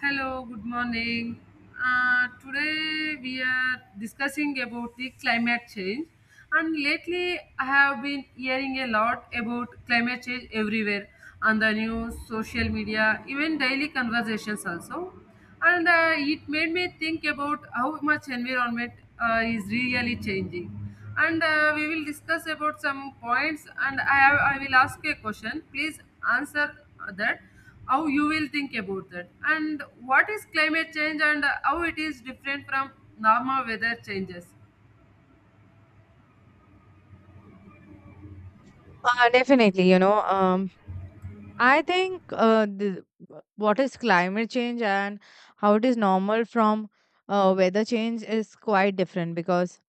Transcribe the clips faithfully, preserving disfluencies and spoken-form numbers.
Hello, good morning. Uh, today we are discussing about the climate change. And lately, I have been hearing a lot about climate change everywhere on the news, social media, even daily conversations also, and uh, it made me think about how much environment uh, is really changing, and uh, we will discuss about some points, and I, I will ask a question. Please answer that how you will think about that and what is climate change and how it is different from normal weather changes. Uh, definitely, you know, um, I think uh, the, what is climate change and how it is normal from uh, weather change is quite different because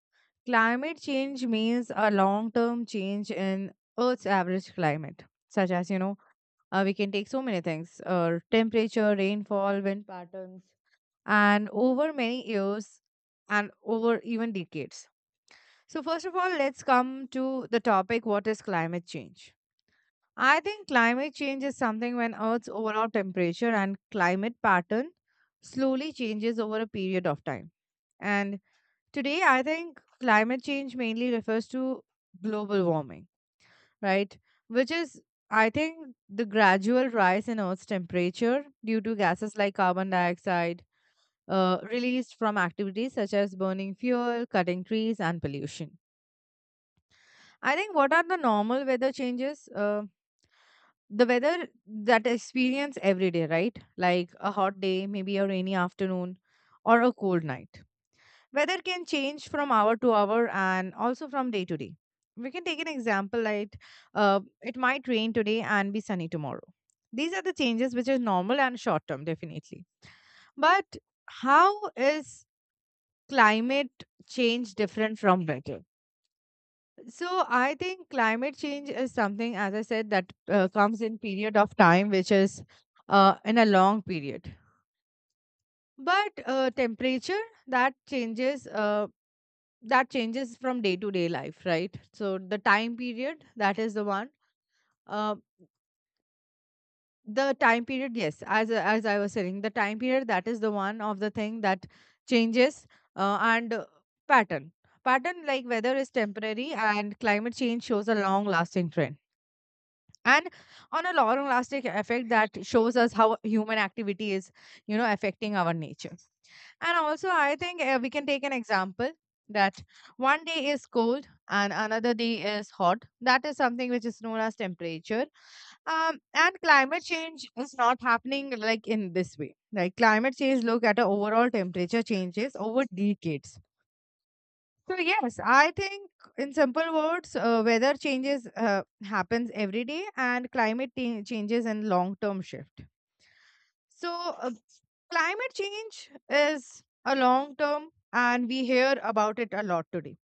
climate change means a long term change in Earth's average climate, such as, you know, uh, we can take so many things uh, temperature, rainfall, wind patterns, and over many years and over even decades. So, first of all, let's come to the topic, what is climate change? I think climate change is something when Earth's overall temperature and climate pattern slowly changes over a period of time. And today, I think climate change mainly refers to global warming, right? Which is, I think, the gradual rise in Earth's temperature due to gases like carbon dioxide uh, released from activities such as burning fuel, cutting trees, and pollution. I think, what are the normal weather changes? Um the weather that experience every day, right? Like a hot day, maybe a rainy afternoon, or a cold night. Weather can change from hour to hour and also from day to day. We can take an example like uh, it might rain today and be sunny tomorrow. These are the changes which are normal and short term, definitely. But how is climate change different from weather? So I think climate change is something, as I said, that uh, comes in period of time, which is uh, in a long period. But uh, temperature that changes, uh, that changes from day to day life, right? So the time period, that is the one. Uh, the time period, yes, as as I was saying, the time period, that is the one of the thing that changes, uh, and uh, pattern. Pattern, like weather is temporary, and climate change shows a long lasting trend and on a long lasting effect that shows us how human activity is, you know, affecting our nature. And also, I think uh, we can take an example that one day is cold and another day is hot. That is something which is known as temperature. Um, and climate change is not happening like in this way. Like climate change look at a overall temperature changes over decades. So yes, I think in simple words, uh, weather changes uh, happens every day, and climate t- changes and long term shift. So uh, climate change is a long term, and we hear about it a lot today.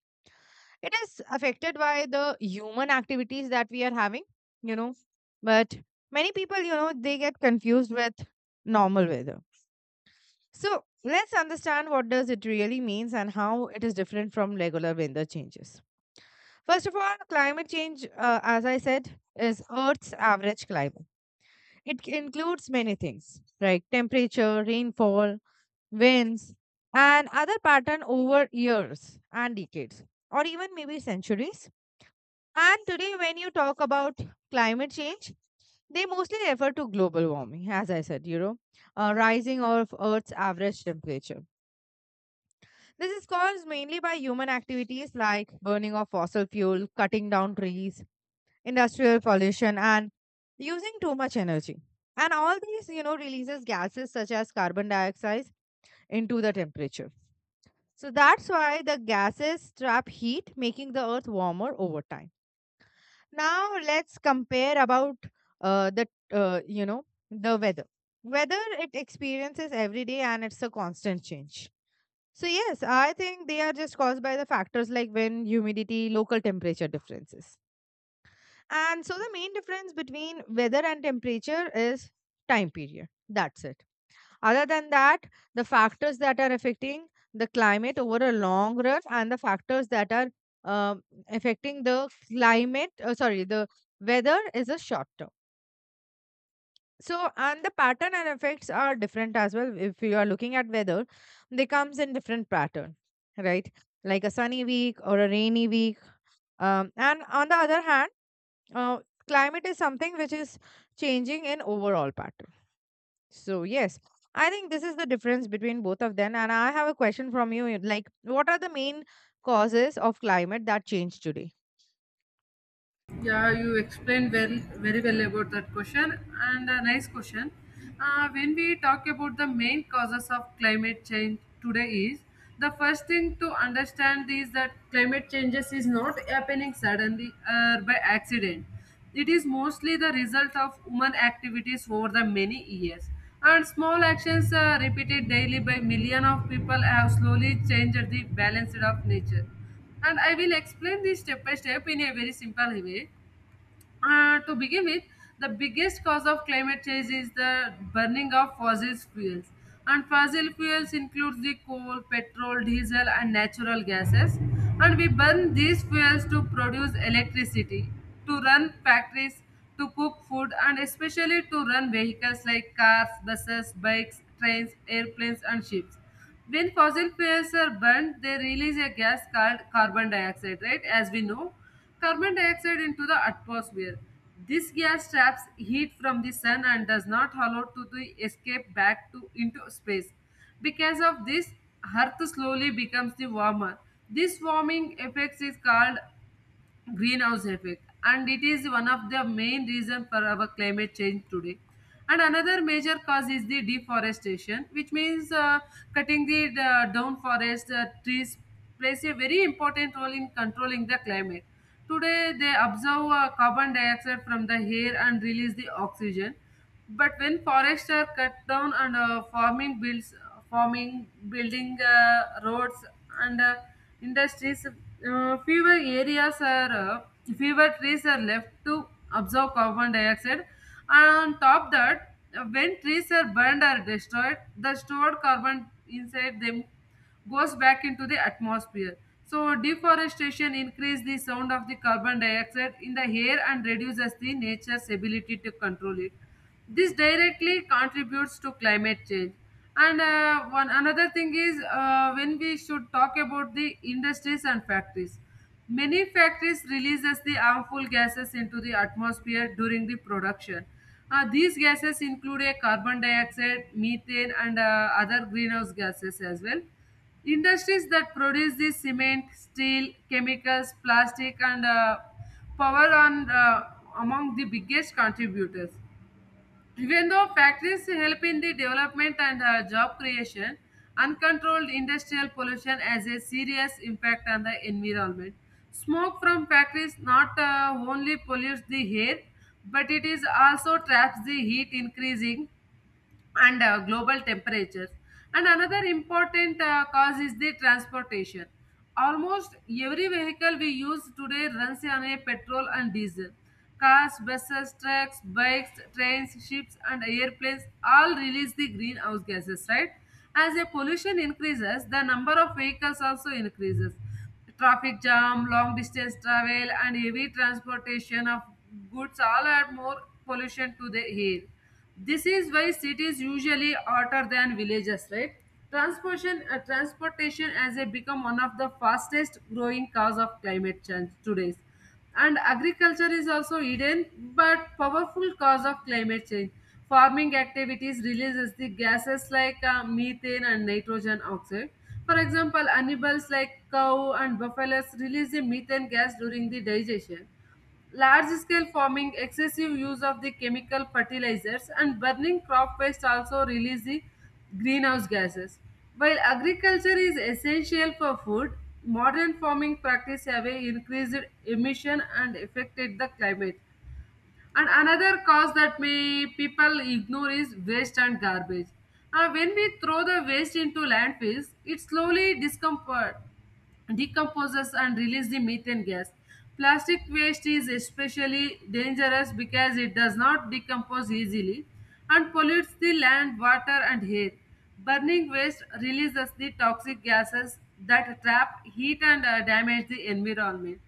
It is affected by the human activities that we are having, you know, but many people, you know, they get confused with normal weather. So let's understand what does it really means and how it is different from regular weather changes. First of all, climate change, uh, as I said, is Earth's average climate. It c- includes many things like temperature, rainfall, winds, and other pattern over years and decades, or even maybe centuries. And today, when you talk about climate change, they mostly refer to global warming, as I said, you know, uh, rising of Earth's average temperature. This is caused mainly by human activities like burning of fossil fuel, cutting down trees, industrial pollution, and using too much energy. And all these, you know, releases gases such as carbon dioxide into the temperature. So that's why the gases trap heat, making the earth warmer over time. Now let's compare about uh, the uh, you know the weather. Weather it experiences every day and it's a constant change. So yes, I think they are just caused by the factors like wind, humidity, local temperature differences. And so the main difference between weather and temperature is time period. That's it. Other than that, the factors that are affecting the climate over a long run, and the factors that are um, affecting the climate, uh, sorry, the weather is a short term. So, and the pattern and effects are different as well. If you are looking at weather, they comes in different pattern, right? Like a sunny week or a rainy week. Um, and on the other hand, uh, climate is something which is changing in overall pattern. So yes, I think this is the difference between both of them. And I have a question from you. you- Like, what are the main causes of climate that change today? Yeah, you explained well, very well about that question, and a nice question. Uh, when we talk about the main causes of climate change today, is the first thing to understand is that climate changes is not happening suddenly or by accident. It is mostly the result of human activities over the many years. And small actions uh, repeated daily by millions of people have slowly changed the balance of nature. And I will explain this step by step in a very simple way. Uh, to begin with, the biggest cause of climate change is the burning of fossil fuels. And fossil fuels include the coal, petrol, diesel, and natural gases. And we burn these fuels to produce electricity, to run factories, to cook food, and especially to run vehicles like cars, buses, bikes, trains, airplanes, and ships. When fossil fuels are burned, they release a gas called carbon dioxide, right? As we know, carbon dioxide into the atmosphere. This gas traps heat from the sun and does not allow to the escape back to into space. Because of this, Earth slowly becomes the warmer. This warming effect is called greenhouse effect, and it is one of the main reason for our climate change today. And another major cause is the deforestation, which means uh, cutting the, the down forest uh, trees plays a very important role in controlling the climate today. They absorb uh, carbon dioxide from the air and release the oxygen. But when forests are cut down and uh, farming builds, farming, building uh, roads and uh, industries, uh, fewer areas are, uh, fewer trees are left to absorb carbon dioxide. And on top that, uh, when trees are burned or destroyed, the stored carbon inside them goes back into the atmosphere. So deforestation increases the sound of the carbon dioxide in the air and reduces the nature's ability to control it. This directly contributes to climate change. And uh, one another thing is uh, when we should talk about the industries and factories, many factories releases the harmful gases into the atmosphere during the production. Uh, these gases include a carbon dioxide, methane, and uh, other greenhouse gases as well. Industries that produce the cement, steel, chemicals, plastic, and uh, power on uh, among the biggest contributors. Even though factories help in the development and uh, job creation, uncontrolled industrial pollution has a serious impact on the environment. Smoke from factories not uh, only pollutes the air, but it is also traps the heat, increasing and uh, global temperatures. And another important uh, cause is the transportation. Almost every vehicle we use today runs on a petrol and diesel. Cars, buses, trucks, bikes, trains, ships, and airplanes all release the greenhouse gases, right? As a pollution increases, the number of vehicles also increases. Traffic jam, long distance travel, and heavy transportation of goods all add more pollution to the air. This is why cities usually hotter than villages, right? Transportation, uh, transportation has a become one of the fastest growing cause of climate change today. And agriculture is also hidden but powerful cause of climate change. Farming activities releases the gases like uh, methane and nitrogen oxide. For example, animals like cow and buffaloes release the methane gas during the digestion. Large scale farming, excessive use of the chemical fertilizers, and burning crop waste also release the greenhouse gases. While agriculture is essential for food, modern farming practice have a increased emission and affected the climate. And another cause that may people ignore is waste and garbage. Uh, when we throw the waste into landfills, it slowly discomfort decomposes and release the methane gas. Plastic waste is especially dangerous because it does not decompose easily and pollutes the land, water, and air. Burning waste releases the toxic gases that trap heat and uh, damage the environment.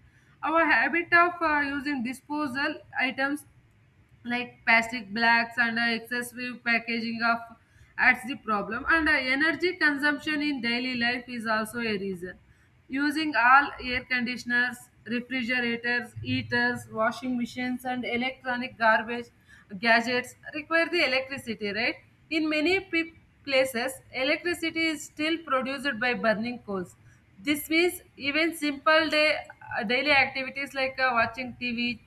Our habit of uh, using disposal items like plastic bags and uh, excessive packaging of adds the problem. And uh, energy consumption in daily life is also a reason. Using all air conditioners, refrigerators, heaters, washing machines, and electronic garbage gadgets require the electricity, right? In many pe- places electricity is still produced by burning coals. This means even simple day uh, daily activities like uh, watching tv,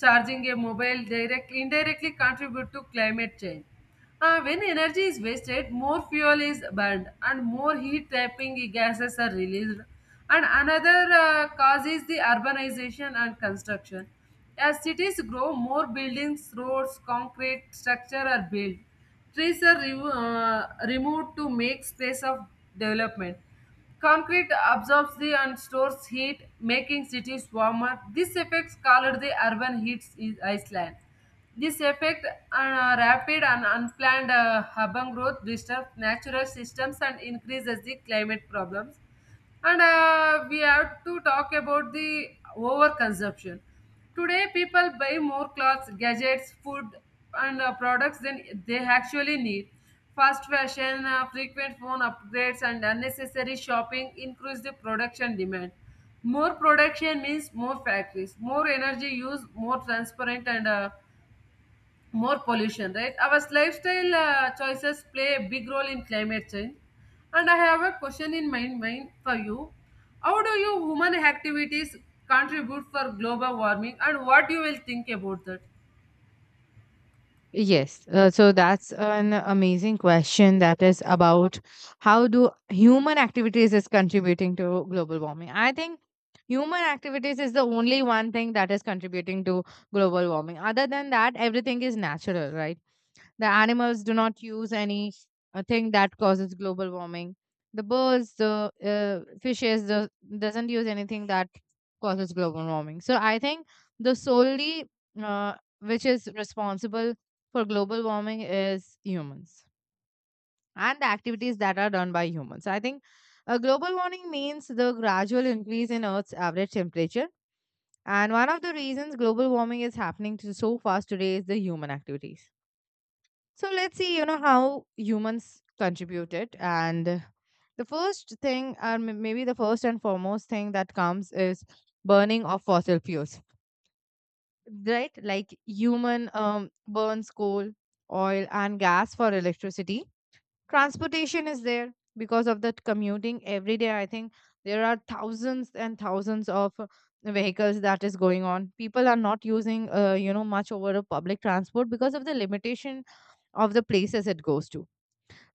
charging a mobile directly indirectly contribute to climate change. Uh, when energy is wasted, more fuel is burned and more heat trapping gases are released. And another uh, cause is the urbanization and construction. As cities grow, more buildings, roads, concrete structure are built. Trees are re- uh, removed to make space of development. Concrete absorbs the and stores heat, making cities warmer. This effect called the urban heat is Iceland. This effect on rapid and unplanned uh, urban growth disturbs natural systems and increases the climate problems. And uh, we have to talk about the overconsumption. Today people buy more clothes, gadgets, food, and uh, products than they actually need. Fast fashion, uh, frequent phone upgrades, and unnecessary shopping increase the production demand. More production means more factories, more energy use, more transparent, and uh, more pollution, right? Our lifestyle uh, choices play a big role in climate change. And I have a question in my mind for you. How do you human activities contribute for global warming and what you will think about that? Yes, uh, so that's an amazing question that is about how do human activities is contributing to global warming. I think human activities is the only one thing that is contributing to global warming. Other than that, everything is natural, right? The animals do not use any uh, thing that causes global warming. The birds, the uh, fishes, the, doesn't use anything that causes global warming. So I think the solely uh, which is responsible for global warming is humans and the activities that are done by humans. I think uh, global warming means the gradual increase in Earth's average temperature. And one of the reasons global warming is happening to so fast today is the human activities. So let's see, you know, how humans contribute it. And the first thing, or m- maybe the first and foremost thing that comes is burning of fossil fuels, right? Like human um, burns coal, oil, and gas for electricity. Transportation is there because of that, commuting every day. I think there are thousands and thousands of uh, vehicles that is going on. People are not using, uh, you know, much over a public transport because of the limitation of the places it goes to,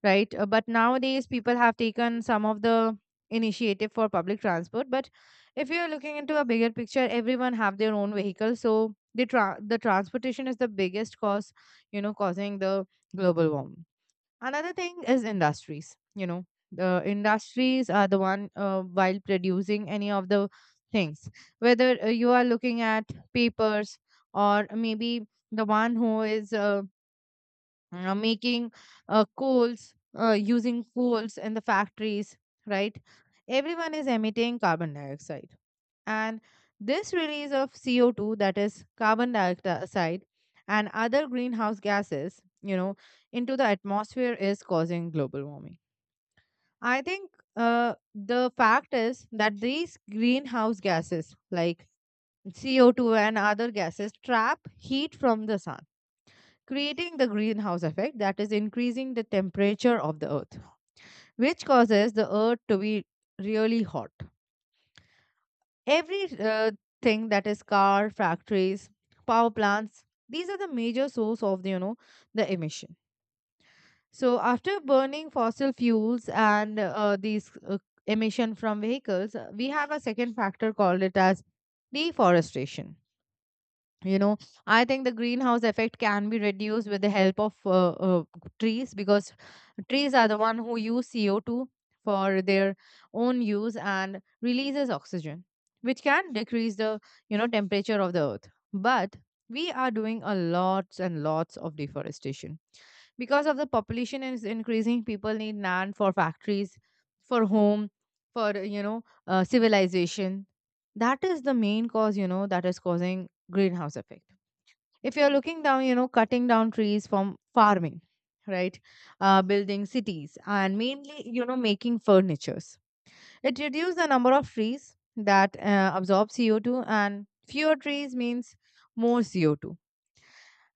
right? Uh, but nowadays people have taken some of the initiative for public transport. But if you're looking into a bigger picture, everyone have their own vehicle. So the tra- the transportation is the biggest cause, you know, causing the global warming. Another thing is industries. You know, the industries are the one, uh, while producing any of the things, whether uh, you are looking at papers, or maybe the one who is uh, uh, making uh, coals, uh, using coals in the factories, right? Everyone is emitting carbon dioxide. And this release of C O two, that is carbon dioxide, and other greenhouse gases, you know, into the atmosphere is causing global warming. I think uh, the fact is that these greenhouse gases, like C O two and other gases, trap heat from the sun, creating the greenhouse effect that is increasing the temperature of the earth, which causes the earth to be really hot. Every uh, thing that is car, factories, power plants, these are the major source of the, you know, the emission. So after burning fossil fuels and uh, these uh, emission from vehicles, uh, we have a second factor called it as deforestation. You know, I think the greenhouse effect can be reduced with the help of uh, uh, trees, because trees are the one who use C O two for their own use and releases oxygen, which can decrease the, you know, temperature of the earth. But we are doing a lots and lots of deforestation because of the population is increasing. People need land for factories, for home, for, you know, uh, civilization. That is the main cause, you know, that is causing greenhouse effect. If you're looking down, you know, cutting down trees from farming, right? Uh, building cities and mainly, you know, making furnitures. It reduces the number of trees that uh, absorb C O two, and fewer trees means more C O two.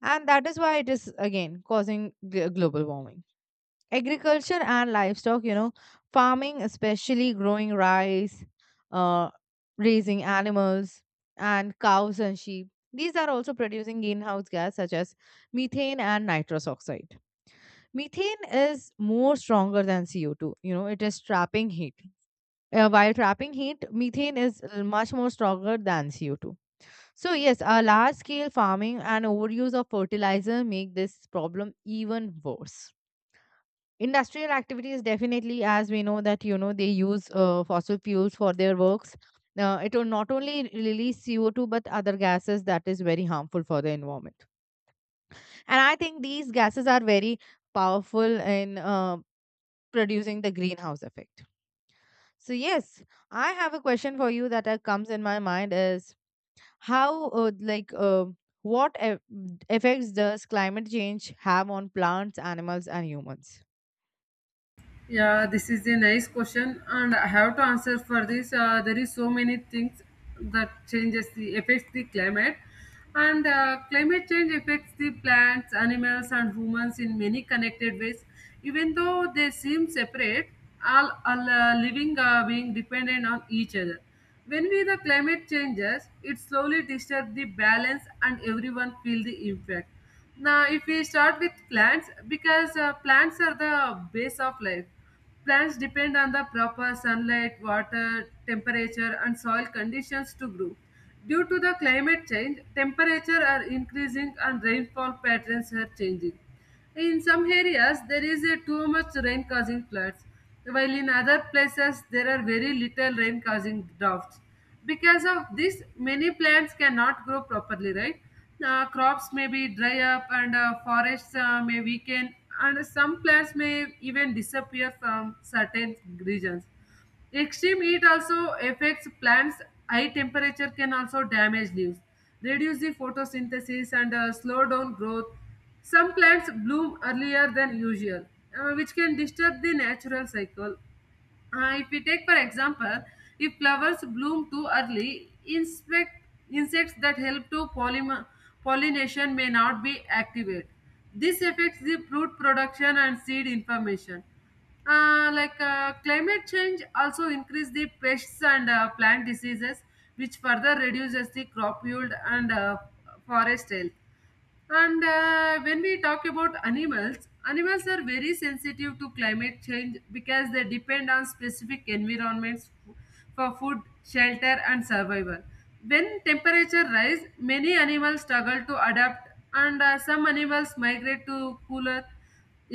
And that is why it is again causing gl- global warming. Agriculture and livestock, you know, farming, especially growing rice, uh, raising animals and cows and sheep, these are also producing greenhouse gas such as methane and nitrous oxide. Methane is more stronger than C O two, you know, it is trapping heat. Uh, while trapping heat, methane is l- much more stronger than C O two. So yes, a large scale farming and overuse of fertilizer make this problem even worse. Industrial activities, definitely, as we know that, you know, they use uh, fossil fuels for their works. Uh, it will not only release C O two, but other gases that is very harmful for the environment. And I think these gases are very powerful in uh, producing the greenhouse effect. So yes, I have a question for you that uh, comes in my mind, is how, uh, like uh, what eff- effects does climate change have on plants, animals and humans? Yeah, this is a nice question, and I have to answer for this. Uh, there is so many things that changes the affects the climate, and uh, climate change affects the plants, animals, and humans in many connected ways. Even though they seem separate, all all uh, living are being dependent on each other. When we the climate changes, it slowly disturbs the balance and everyone feel the impact. Now, if we start with plants, because uh, plants are the base of life. Plants depend on the proper sunlight, water, temperature, and soil conditions to grow. Due to the climate change, temperature are increasing and rainfall patterns are changing. In some areas, there is a too much rain causing floods, while in other places, there are very little rain causing droughts. Because of this, many plants cannot grow properly, right? Uh, crops may be dry up and uh, forests uh, may weaken, and some plants may even disappear from certain regions. Extreme heat also affects plants. High temperature can also damage leaves, reduce the photosynthesis, and uh, slow down growth. Some plants bloom earlier than usual, uh, which can disturb the natural cycle. Uh, if we take, for example, if flowers bloom too early, inspect, insects that help to polymer, pollination may not be activated. This affects the fruit production and seed information. Uh, like uh, climate change also increase the pests and uh, plant diseases, which further reduces the crop yield and uh, forest health. And uh, when we talk about animals, animals are very sensitive to climate change because they depend on specific environments f- for food, shelter, and survival. When temperature rise, many animals struggle to adapt, and uh, some animals migrate to cooler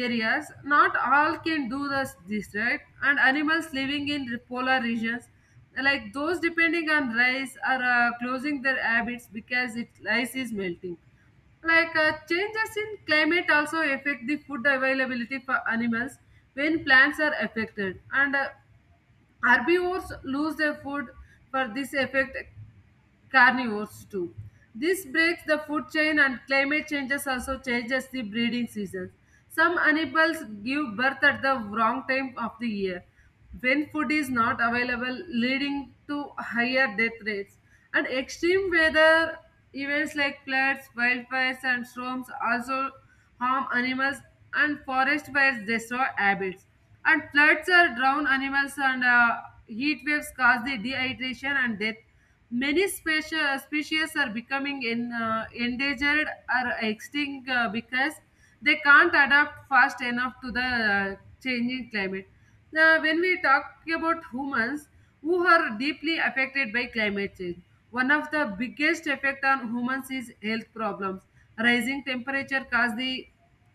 areas. Not all can do this, this, right? And animals living in re- polar regions like those depending on rice are uh, closing their habits because it ice is melting. like uh, changes in climate also affect the food availability for animals. When plants are affected and uh, herbivores lose their food, for this effect carnivores too. This breaks the food chain. And climate changes also changes the breeding seasons. Some animals give birth at the wrong time of the year when food is not available, leading to higher death rates. And extreme weather events like floods, wildfires, and storms also harm animals. And forest fires destroy habits, and floods are drown animals, and uh, heat waves cause the dehydration and death. Many specia- species are becoming in, uh, endangered or extinct uh, because they can't adapt fast enough to the uh, changing climate. Now, when we talk about humans who are deeply affected by climate change, one of the biggest effect on humans is health problems. Rising temperature cause the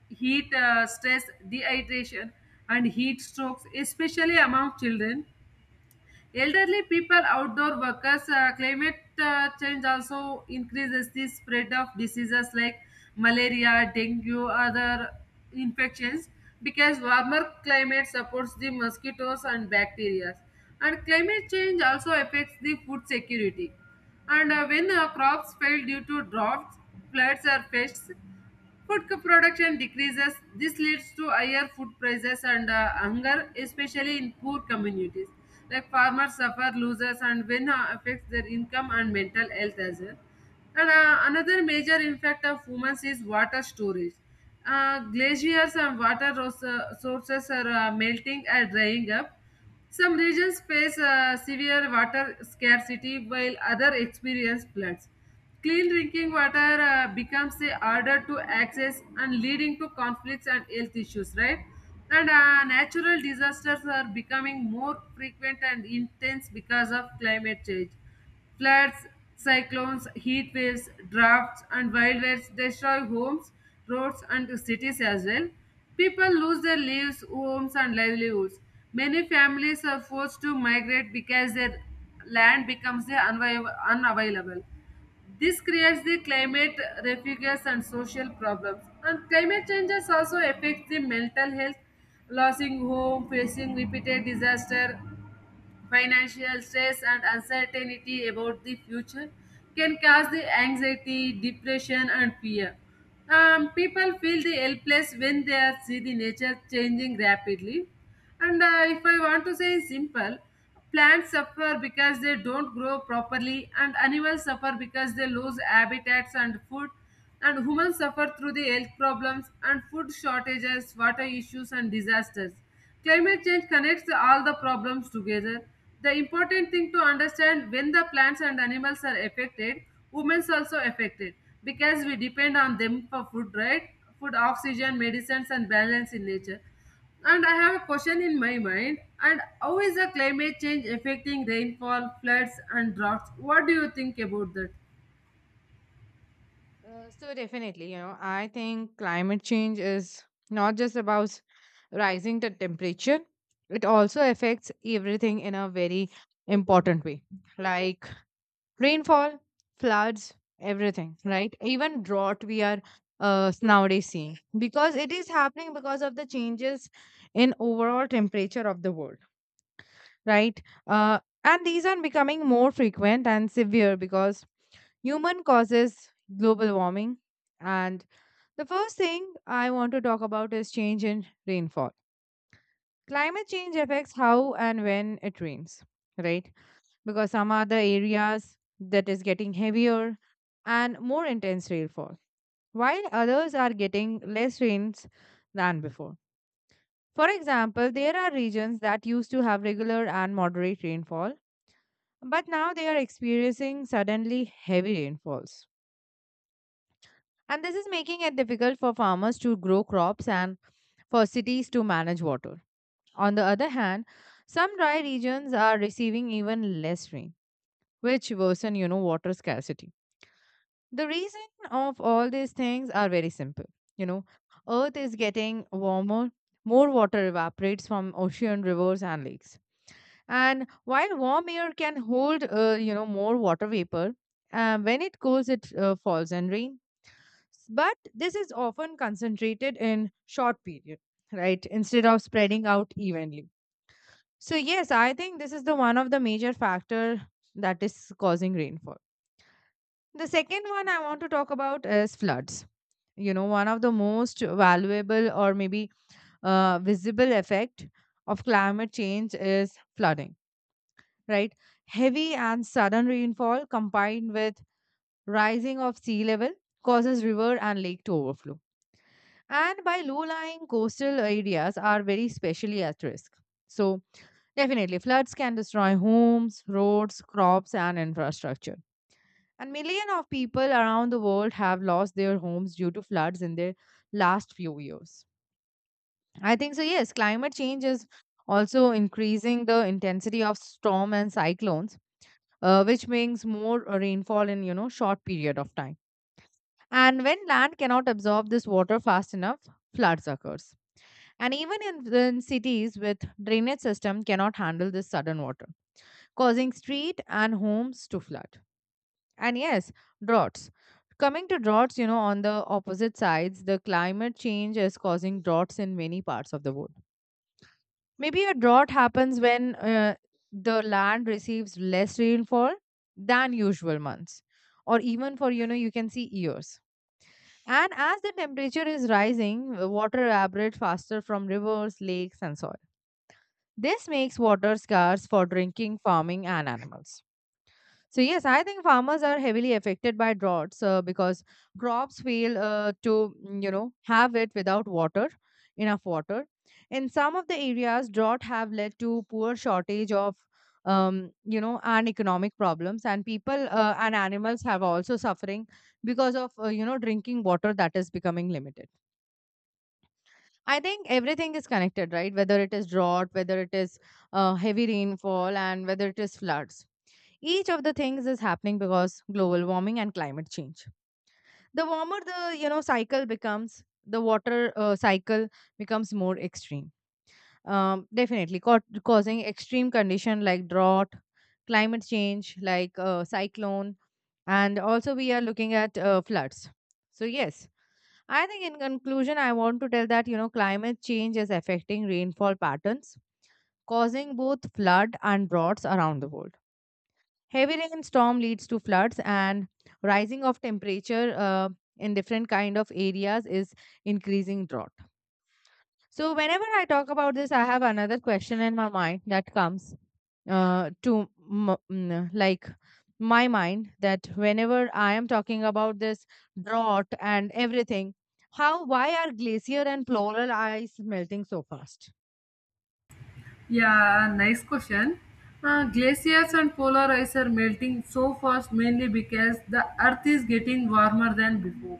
heat uh, stress, dehydration, and heat strokes, especially among children, elderly people, outdoor workers. Uh, climate uh, change also increases the spread of diseases like malaria, dengue, other infections because warmer climate supports the mosquitoes and bacteria. And climate change also affects the food security. And uh, when uh, crops fail due to droughts, floods, or pests, food production decreases. This leads to higher food prices and uh, hunger, especially in poor communities. Like farmers suffer losses and when uh, affects their income and mental health as well. And uh, another major impact of humans is water storage. Uh, glaciers and water ros- uh, sources are uh, melting and drying up. Some regions face uh, severe water scarcity while others experience floods. Clean drinking water uh, becomes uh, harder to access and leading to conflicts and health issues, right? And uh, natural disasters are becoming more frequent and intense because of climate change. Floods, cyclones, heat waves, drafts, and wildfires destroy homes, roads, and cities as well. People lose their lives, homes, and livelihoods. Many families are forced to migrate because their land becomes the unvi- unavailable. This creates the climate refuges and social problems. And climate changes also affect the mental health, losing home, facing repeated disaster, financial stress and uncertainty about the future can cause the anxiety, depression, and fear. Um, people feel the helpless when they are- see the nature changing rapidly. And uh, if I want to say simple, plants suffer because they don't grow properly, and animals suffer because they lose habitats and food, and humans suffer through the health problems and food shortages, water issues, and disasters. Climate change connects all the problems together. The important thing to understand when the plants and animals are affected, women's also affected because we depend on them for food, right? Food, oxygen, medicines, and balance in nature. And I have a question in my mind. And how is the climate change affecting rainfall, floods, and droughts? What do you think about that? Uh, so definitely, you know, I think climate change is not just about rising the temperature. It also affects everything in a very important way, like rainfall, floods, everything, right? Even drought we are, uh, nowadays seeing, because it is happening because of the changes in overall temperature of the world, right? Uh, and these are becoming more frequent and severe because human causes global warming. And the first thing I want to talk about is change in rainfall. Climate change affects how and when it rains, right? Because some are the areas that is getting heavier and more intense rainfall, while others are getting less rains than before. For example, there are regions that used to have regular and moderate rainfall, but now they are experiencing suddenly heavy rainfalls. And this is making it difficult for farmers to grow crops and for cities to manage water. On the other hand, some dry regions are receiving even less rain, which worsen, you know, water scarcity. The reason of all these things are very simple. You know, Earth is getting warmer, more water evaporates from ocean, rivers, and lakes. And while warm air can hold, uh, you know, more water vapor, uh, when it cools, it uh, falls and rain. S- But this is often concentrated in short period, right? Instead of spreading out evenly. So yes, I think this is the one of the major factor that is causing rainfall. The second one I want to talk about is floods. You know, one of the most valuable, or maybe uh, visible, effect of climate change is flooding, right? Heavy and sudden rainfall combined with rising of sea level causes river and lake to overflow. And by low-lying coastal areas are very specially at risk. So definitely floods can destroy homes, roads, crops and infrastructure. And millions of people around the world have lost their homes due to floods in their last few years. I think so, yes, climate change is also increasing the intensity of storm and cyclones, uh, which means more uh, rainfall in you know short period of time. And when land cannot absorb this water fast enough, floods occurs. And even in, in cities with drainage system cannot handle this sudden water, causing street and homes to flood. And yes, droughts. Coming to droughts, you know on the opposite sides the climate change is causing droughts in many parts of the world. Maybe a drought happens when uh, the land receives less rainfall than usual months, or even for you know you can see years. And as the temperature is rising, uh, water evaporates faster from rivers, lakes, and soil. This makes water scarce for drinking, farming, and animals. So yes, I think farmers are heavily affected by droughts, uh, because crops fail uh, to mm, you know have it without water, enough water. In some of the areas, drought have led to poor shortage of um, you know and economic problems, and people uh, and animals have also suffering because of uh, you know drinking water that is becoming limited. I think everything is connected, right? Whether it is drought, whether it is uh, heavy rainfall, and whether it is floods, each of the things is happening because global warming and climate change. The warmer the you know cycle becomes, the water uh, cycle becomes more extreme. Um, definitely ca- causing extreme condition like drought, climate change like uh, cyclone, and also we are looking at uh, floods. So yes, I think in conclusion, I want to tell that you know climate change is affecting rainfall patterns, causing both flood and droughts around the world. Heavy rainstorm leads to floods, and rising of temperature uh, in different kind of areas is increasing drought. So whenever I talk about this, I have another question in my mind that comes uh, to m- mm, like my mind, that whenever I am talking about this drought and everything, how why are glacier and polar ice melting so fast? Yeah, nice question. Uh, glaciers and polar ice are melting so fast mainly because the earth is getting warmer than before.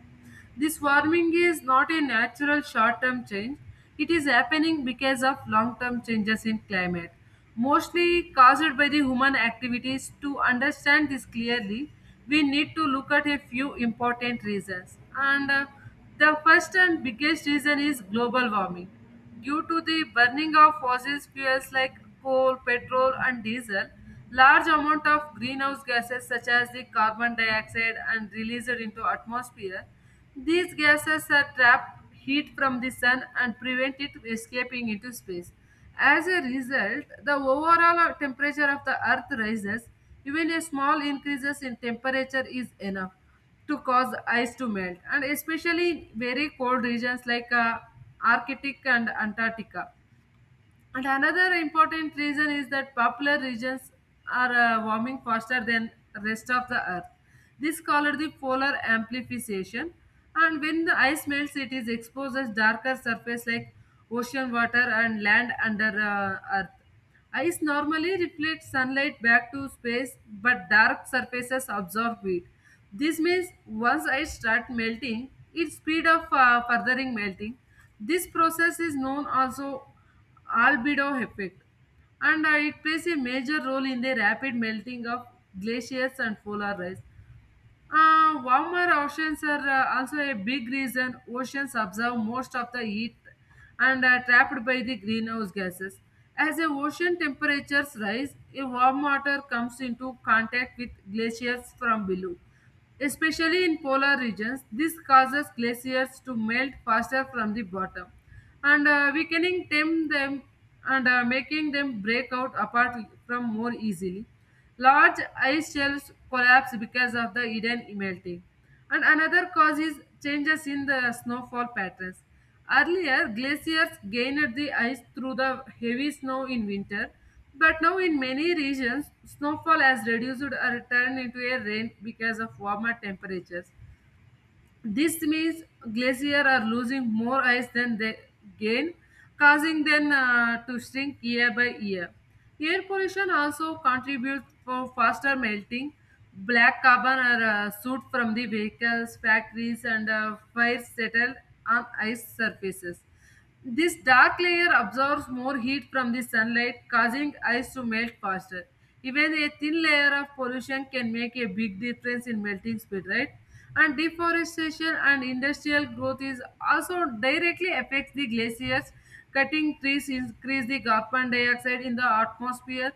This warming is not a natural short term change, it is happening because of long term changes in climate, mostly caused by the human activities. To understand this clearly, we need to look at a few important reasons. And uh, The first and biggest reason is global warming. Due to the burning of fossil fuels like coal, petrol, and diesel, large amount of greenhouse gases such as the carbon dioxide and released into atmosphere. These gases are trap heat from the sun and prevent it escaping into space. As a result, the overall temperature of the earth rises. Even a small increases in temperature is enough to cause ice to melt and especially in very cold regions like uh, arctic and antarctica. And another important reason is that popular regions are uh, warming faster than rest of the earth. This called the polar amplification. And when the ice melts, it is exposed as darker surface like ocean water and land under uh, earth. Ice normally reflects sunlight back to space, but dark surfaces absorb it. This means once ice start melting, its speed of uh, furthering melting. This process is known also albedo effect, and uh, it plays a major role in the rapid melting of glaciers and polar ice. Uh, warmer oceans are uh, also a big reason. Oceans absorb most of the heat and are trapped by the greenhouse gases. As the ocean temperatures rise, a warm water comes into contact with glaciers from below. Especially in polar regions, this causes glaciers to melt faster from the bottom and uh, weakening them, them and uh, making them break out apart from more easily. Large ice shelves collapse because of the hidden melting. And another cause is changes in the snowfall patterns. Earlier, glaciers gained the ice through the heavy snow in winter, but now in many regions, snowfall has reduced or turned into a rain because of warmer temperatures. This means glaciers are losing more ice than they gain, causing them uh, to shrink year by year. Air pollution also contributes for faster melting. Black carbon or uh, soot from the vehicles, factories, and uh, fires settle on ice surfaces. This dark layer absorbs more heat from the sunlight, causing ice to melt faster. Even a thin layer of pollution can make a big difference in melting speed, right? And deforestation and industrial growth is also directly affects the glaciers. Cutting trees increase the carbon dioxide in the atmosphere,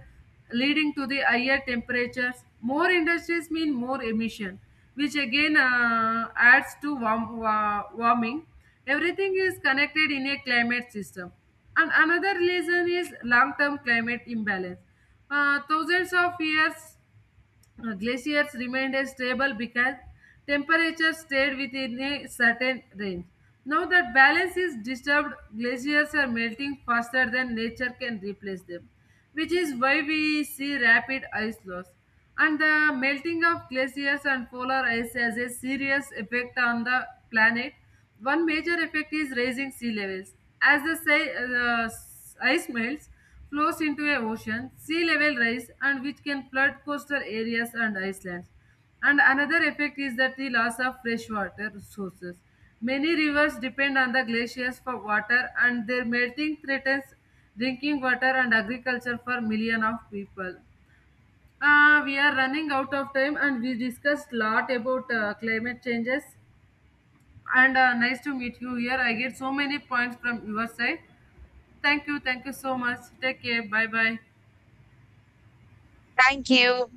leading to the higher temperatures. More industries mean more emission, which again uh, adds to warm, wa- warming. Everything is connected in a climate system. And another reason is long term climate imbalance. Uh, thousands of years uh, glaciers remained as stable because temperatures stayed within a certain range. Now that balance is disturbed, glaciers are melting faster than nature can replace them, which is why we see rapid ice loss. And the melting of glaciers and polar ice has a serious effect on the planet. One major effect is raising sea levels. As the si- uh, ice melts, flows into a ocean, sea level rise and which can flood coastal areas and islands. And another effect is that the loss of freshwater sources. Many rivers depend on the glaciers for water and their melting threatens drinking water and agriculture for millions of people. Uh, we are running out of time and we discussed lot about uh, climate changes and uh, nice to meet you here. I get so many points from your side. Thank you. Thank you so much. Take care. Bye bye. Thank you.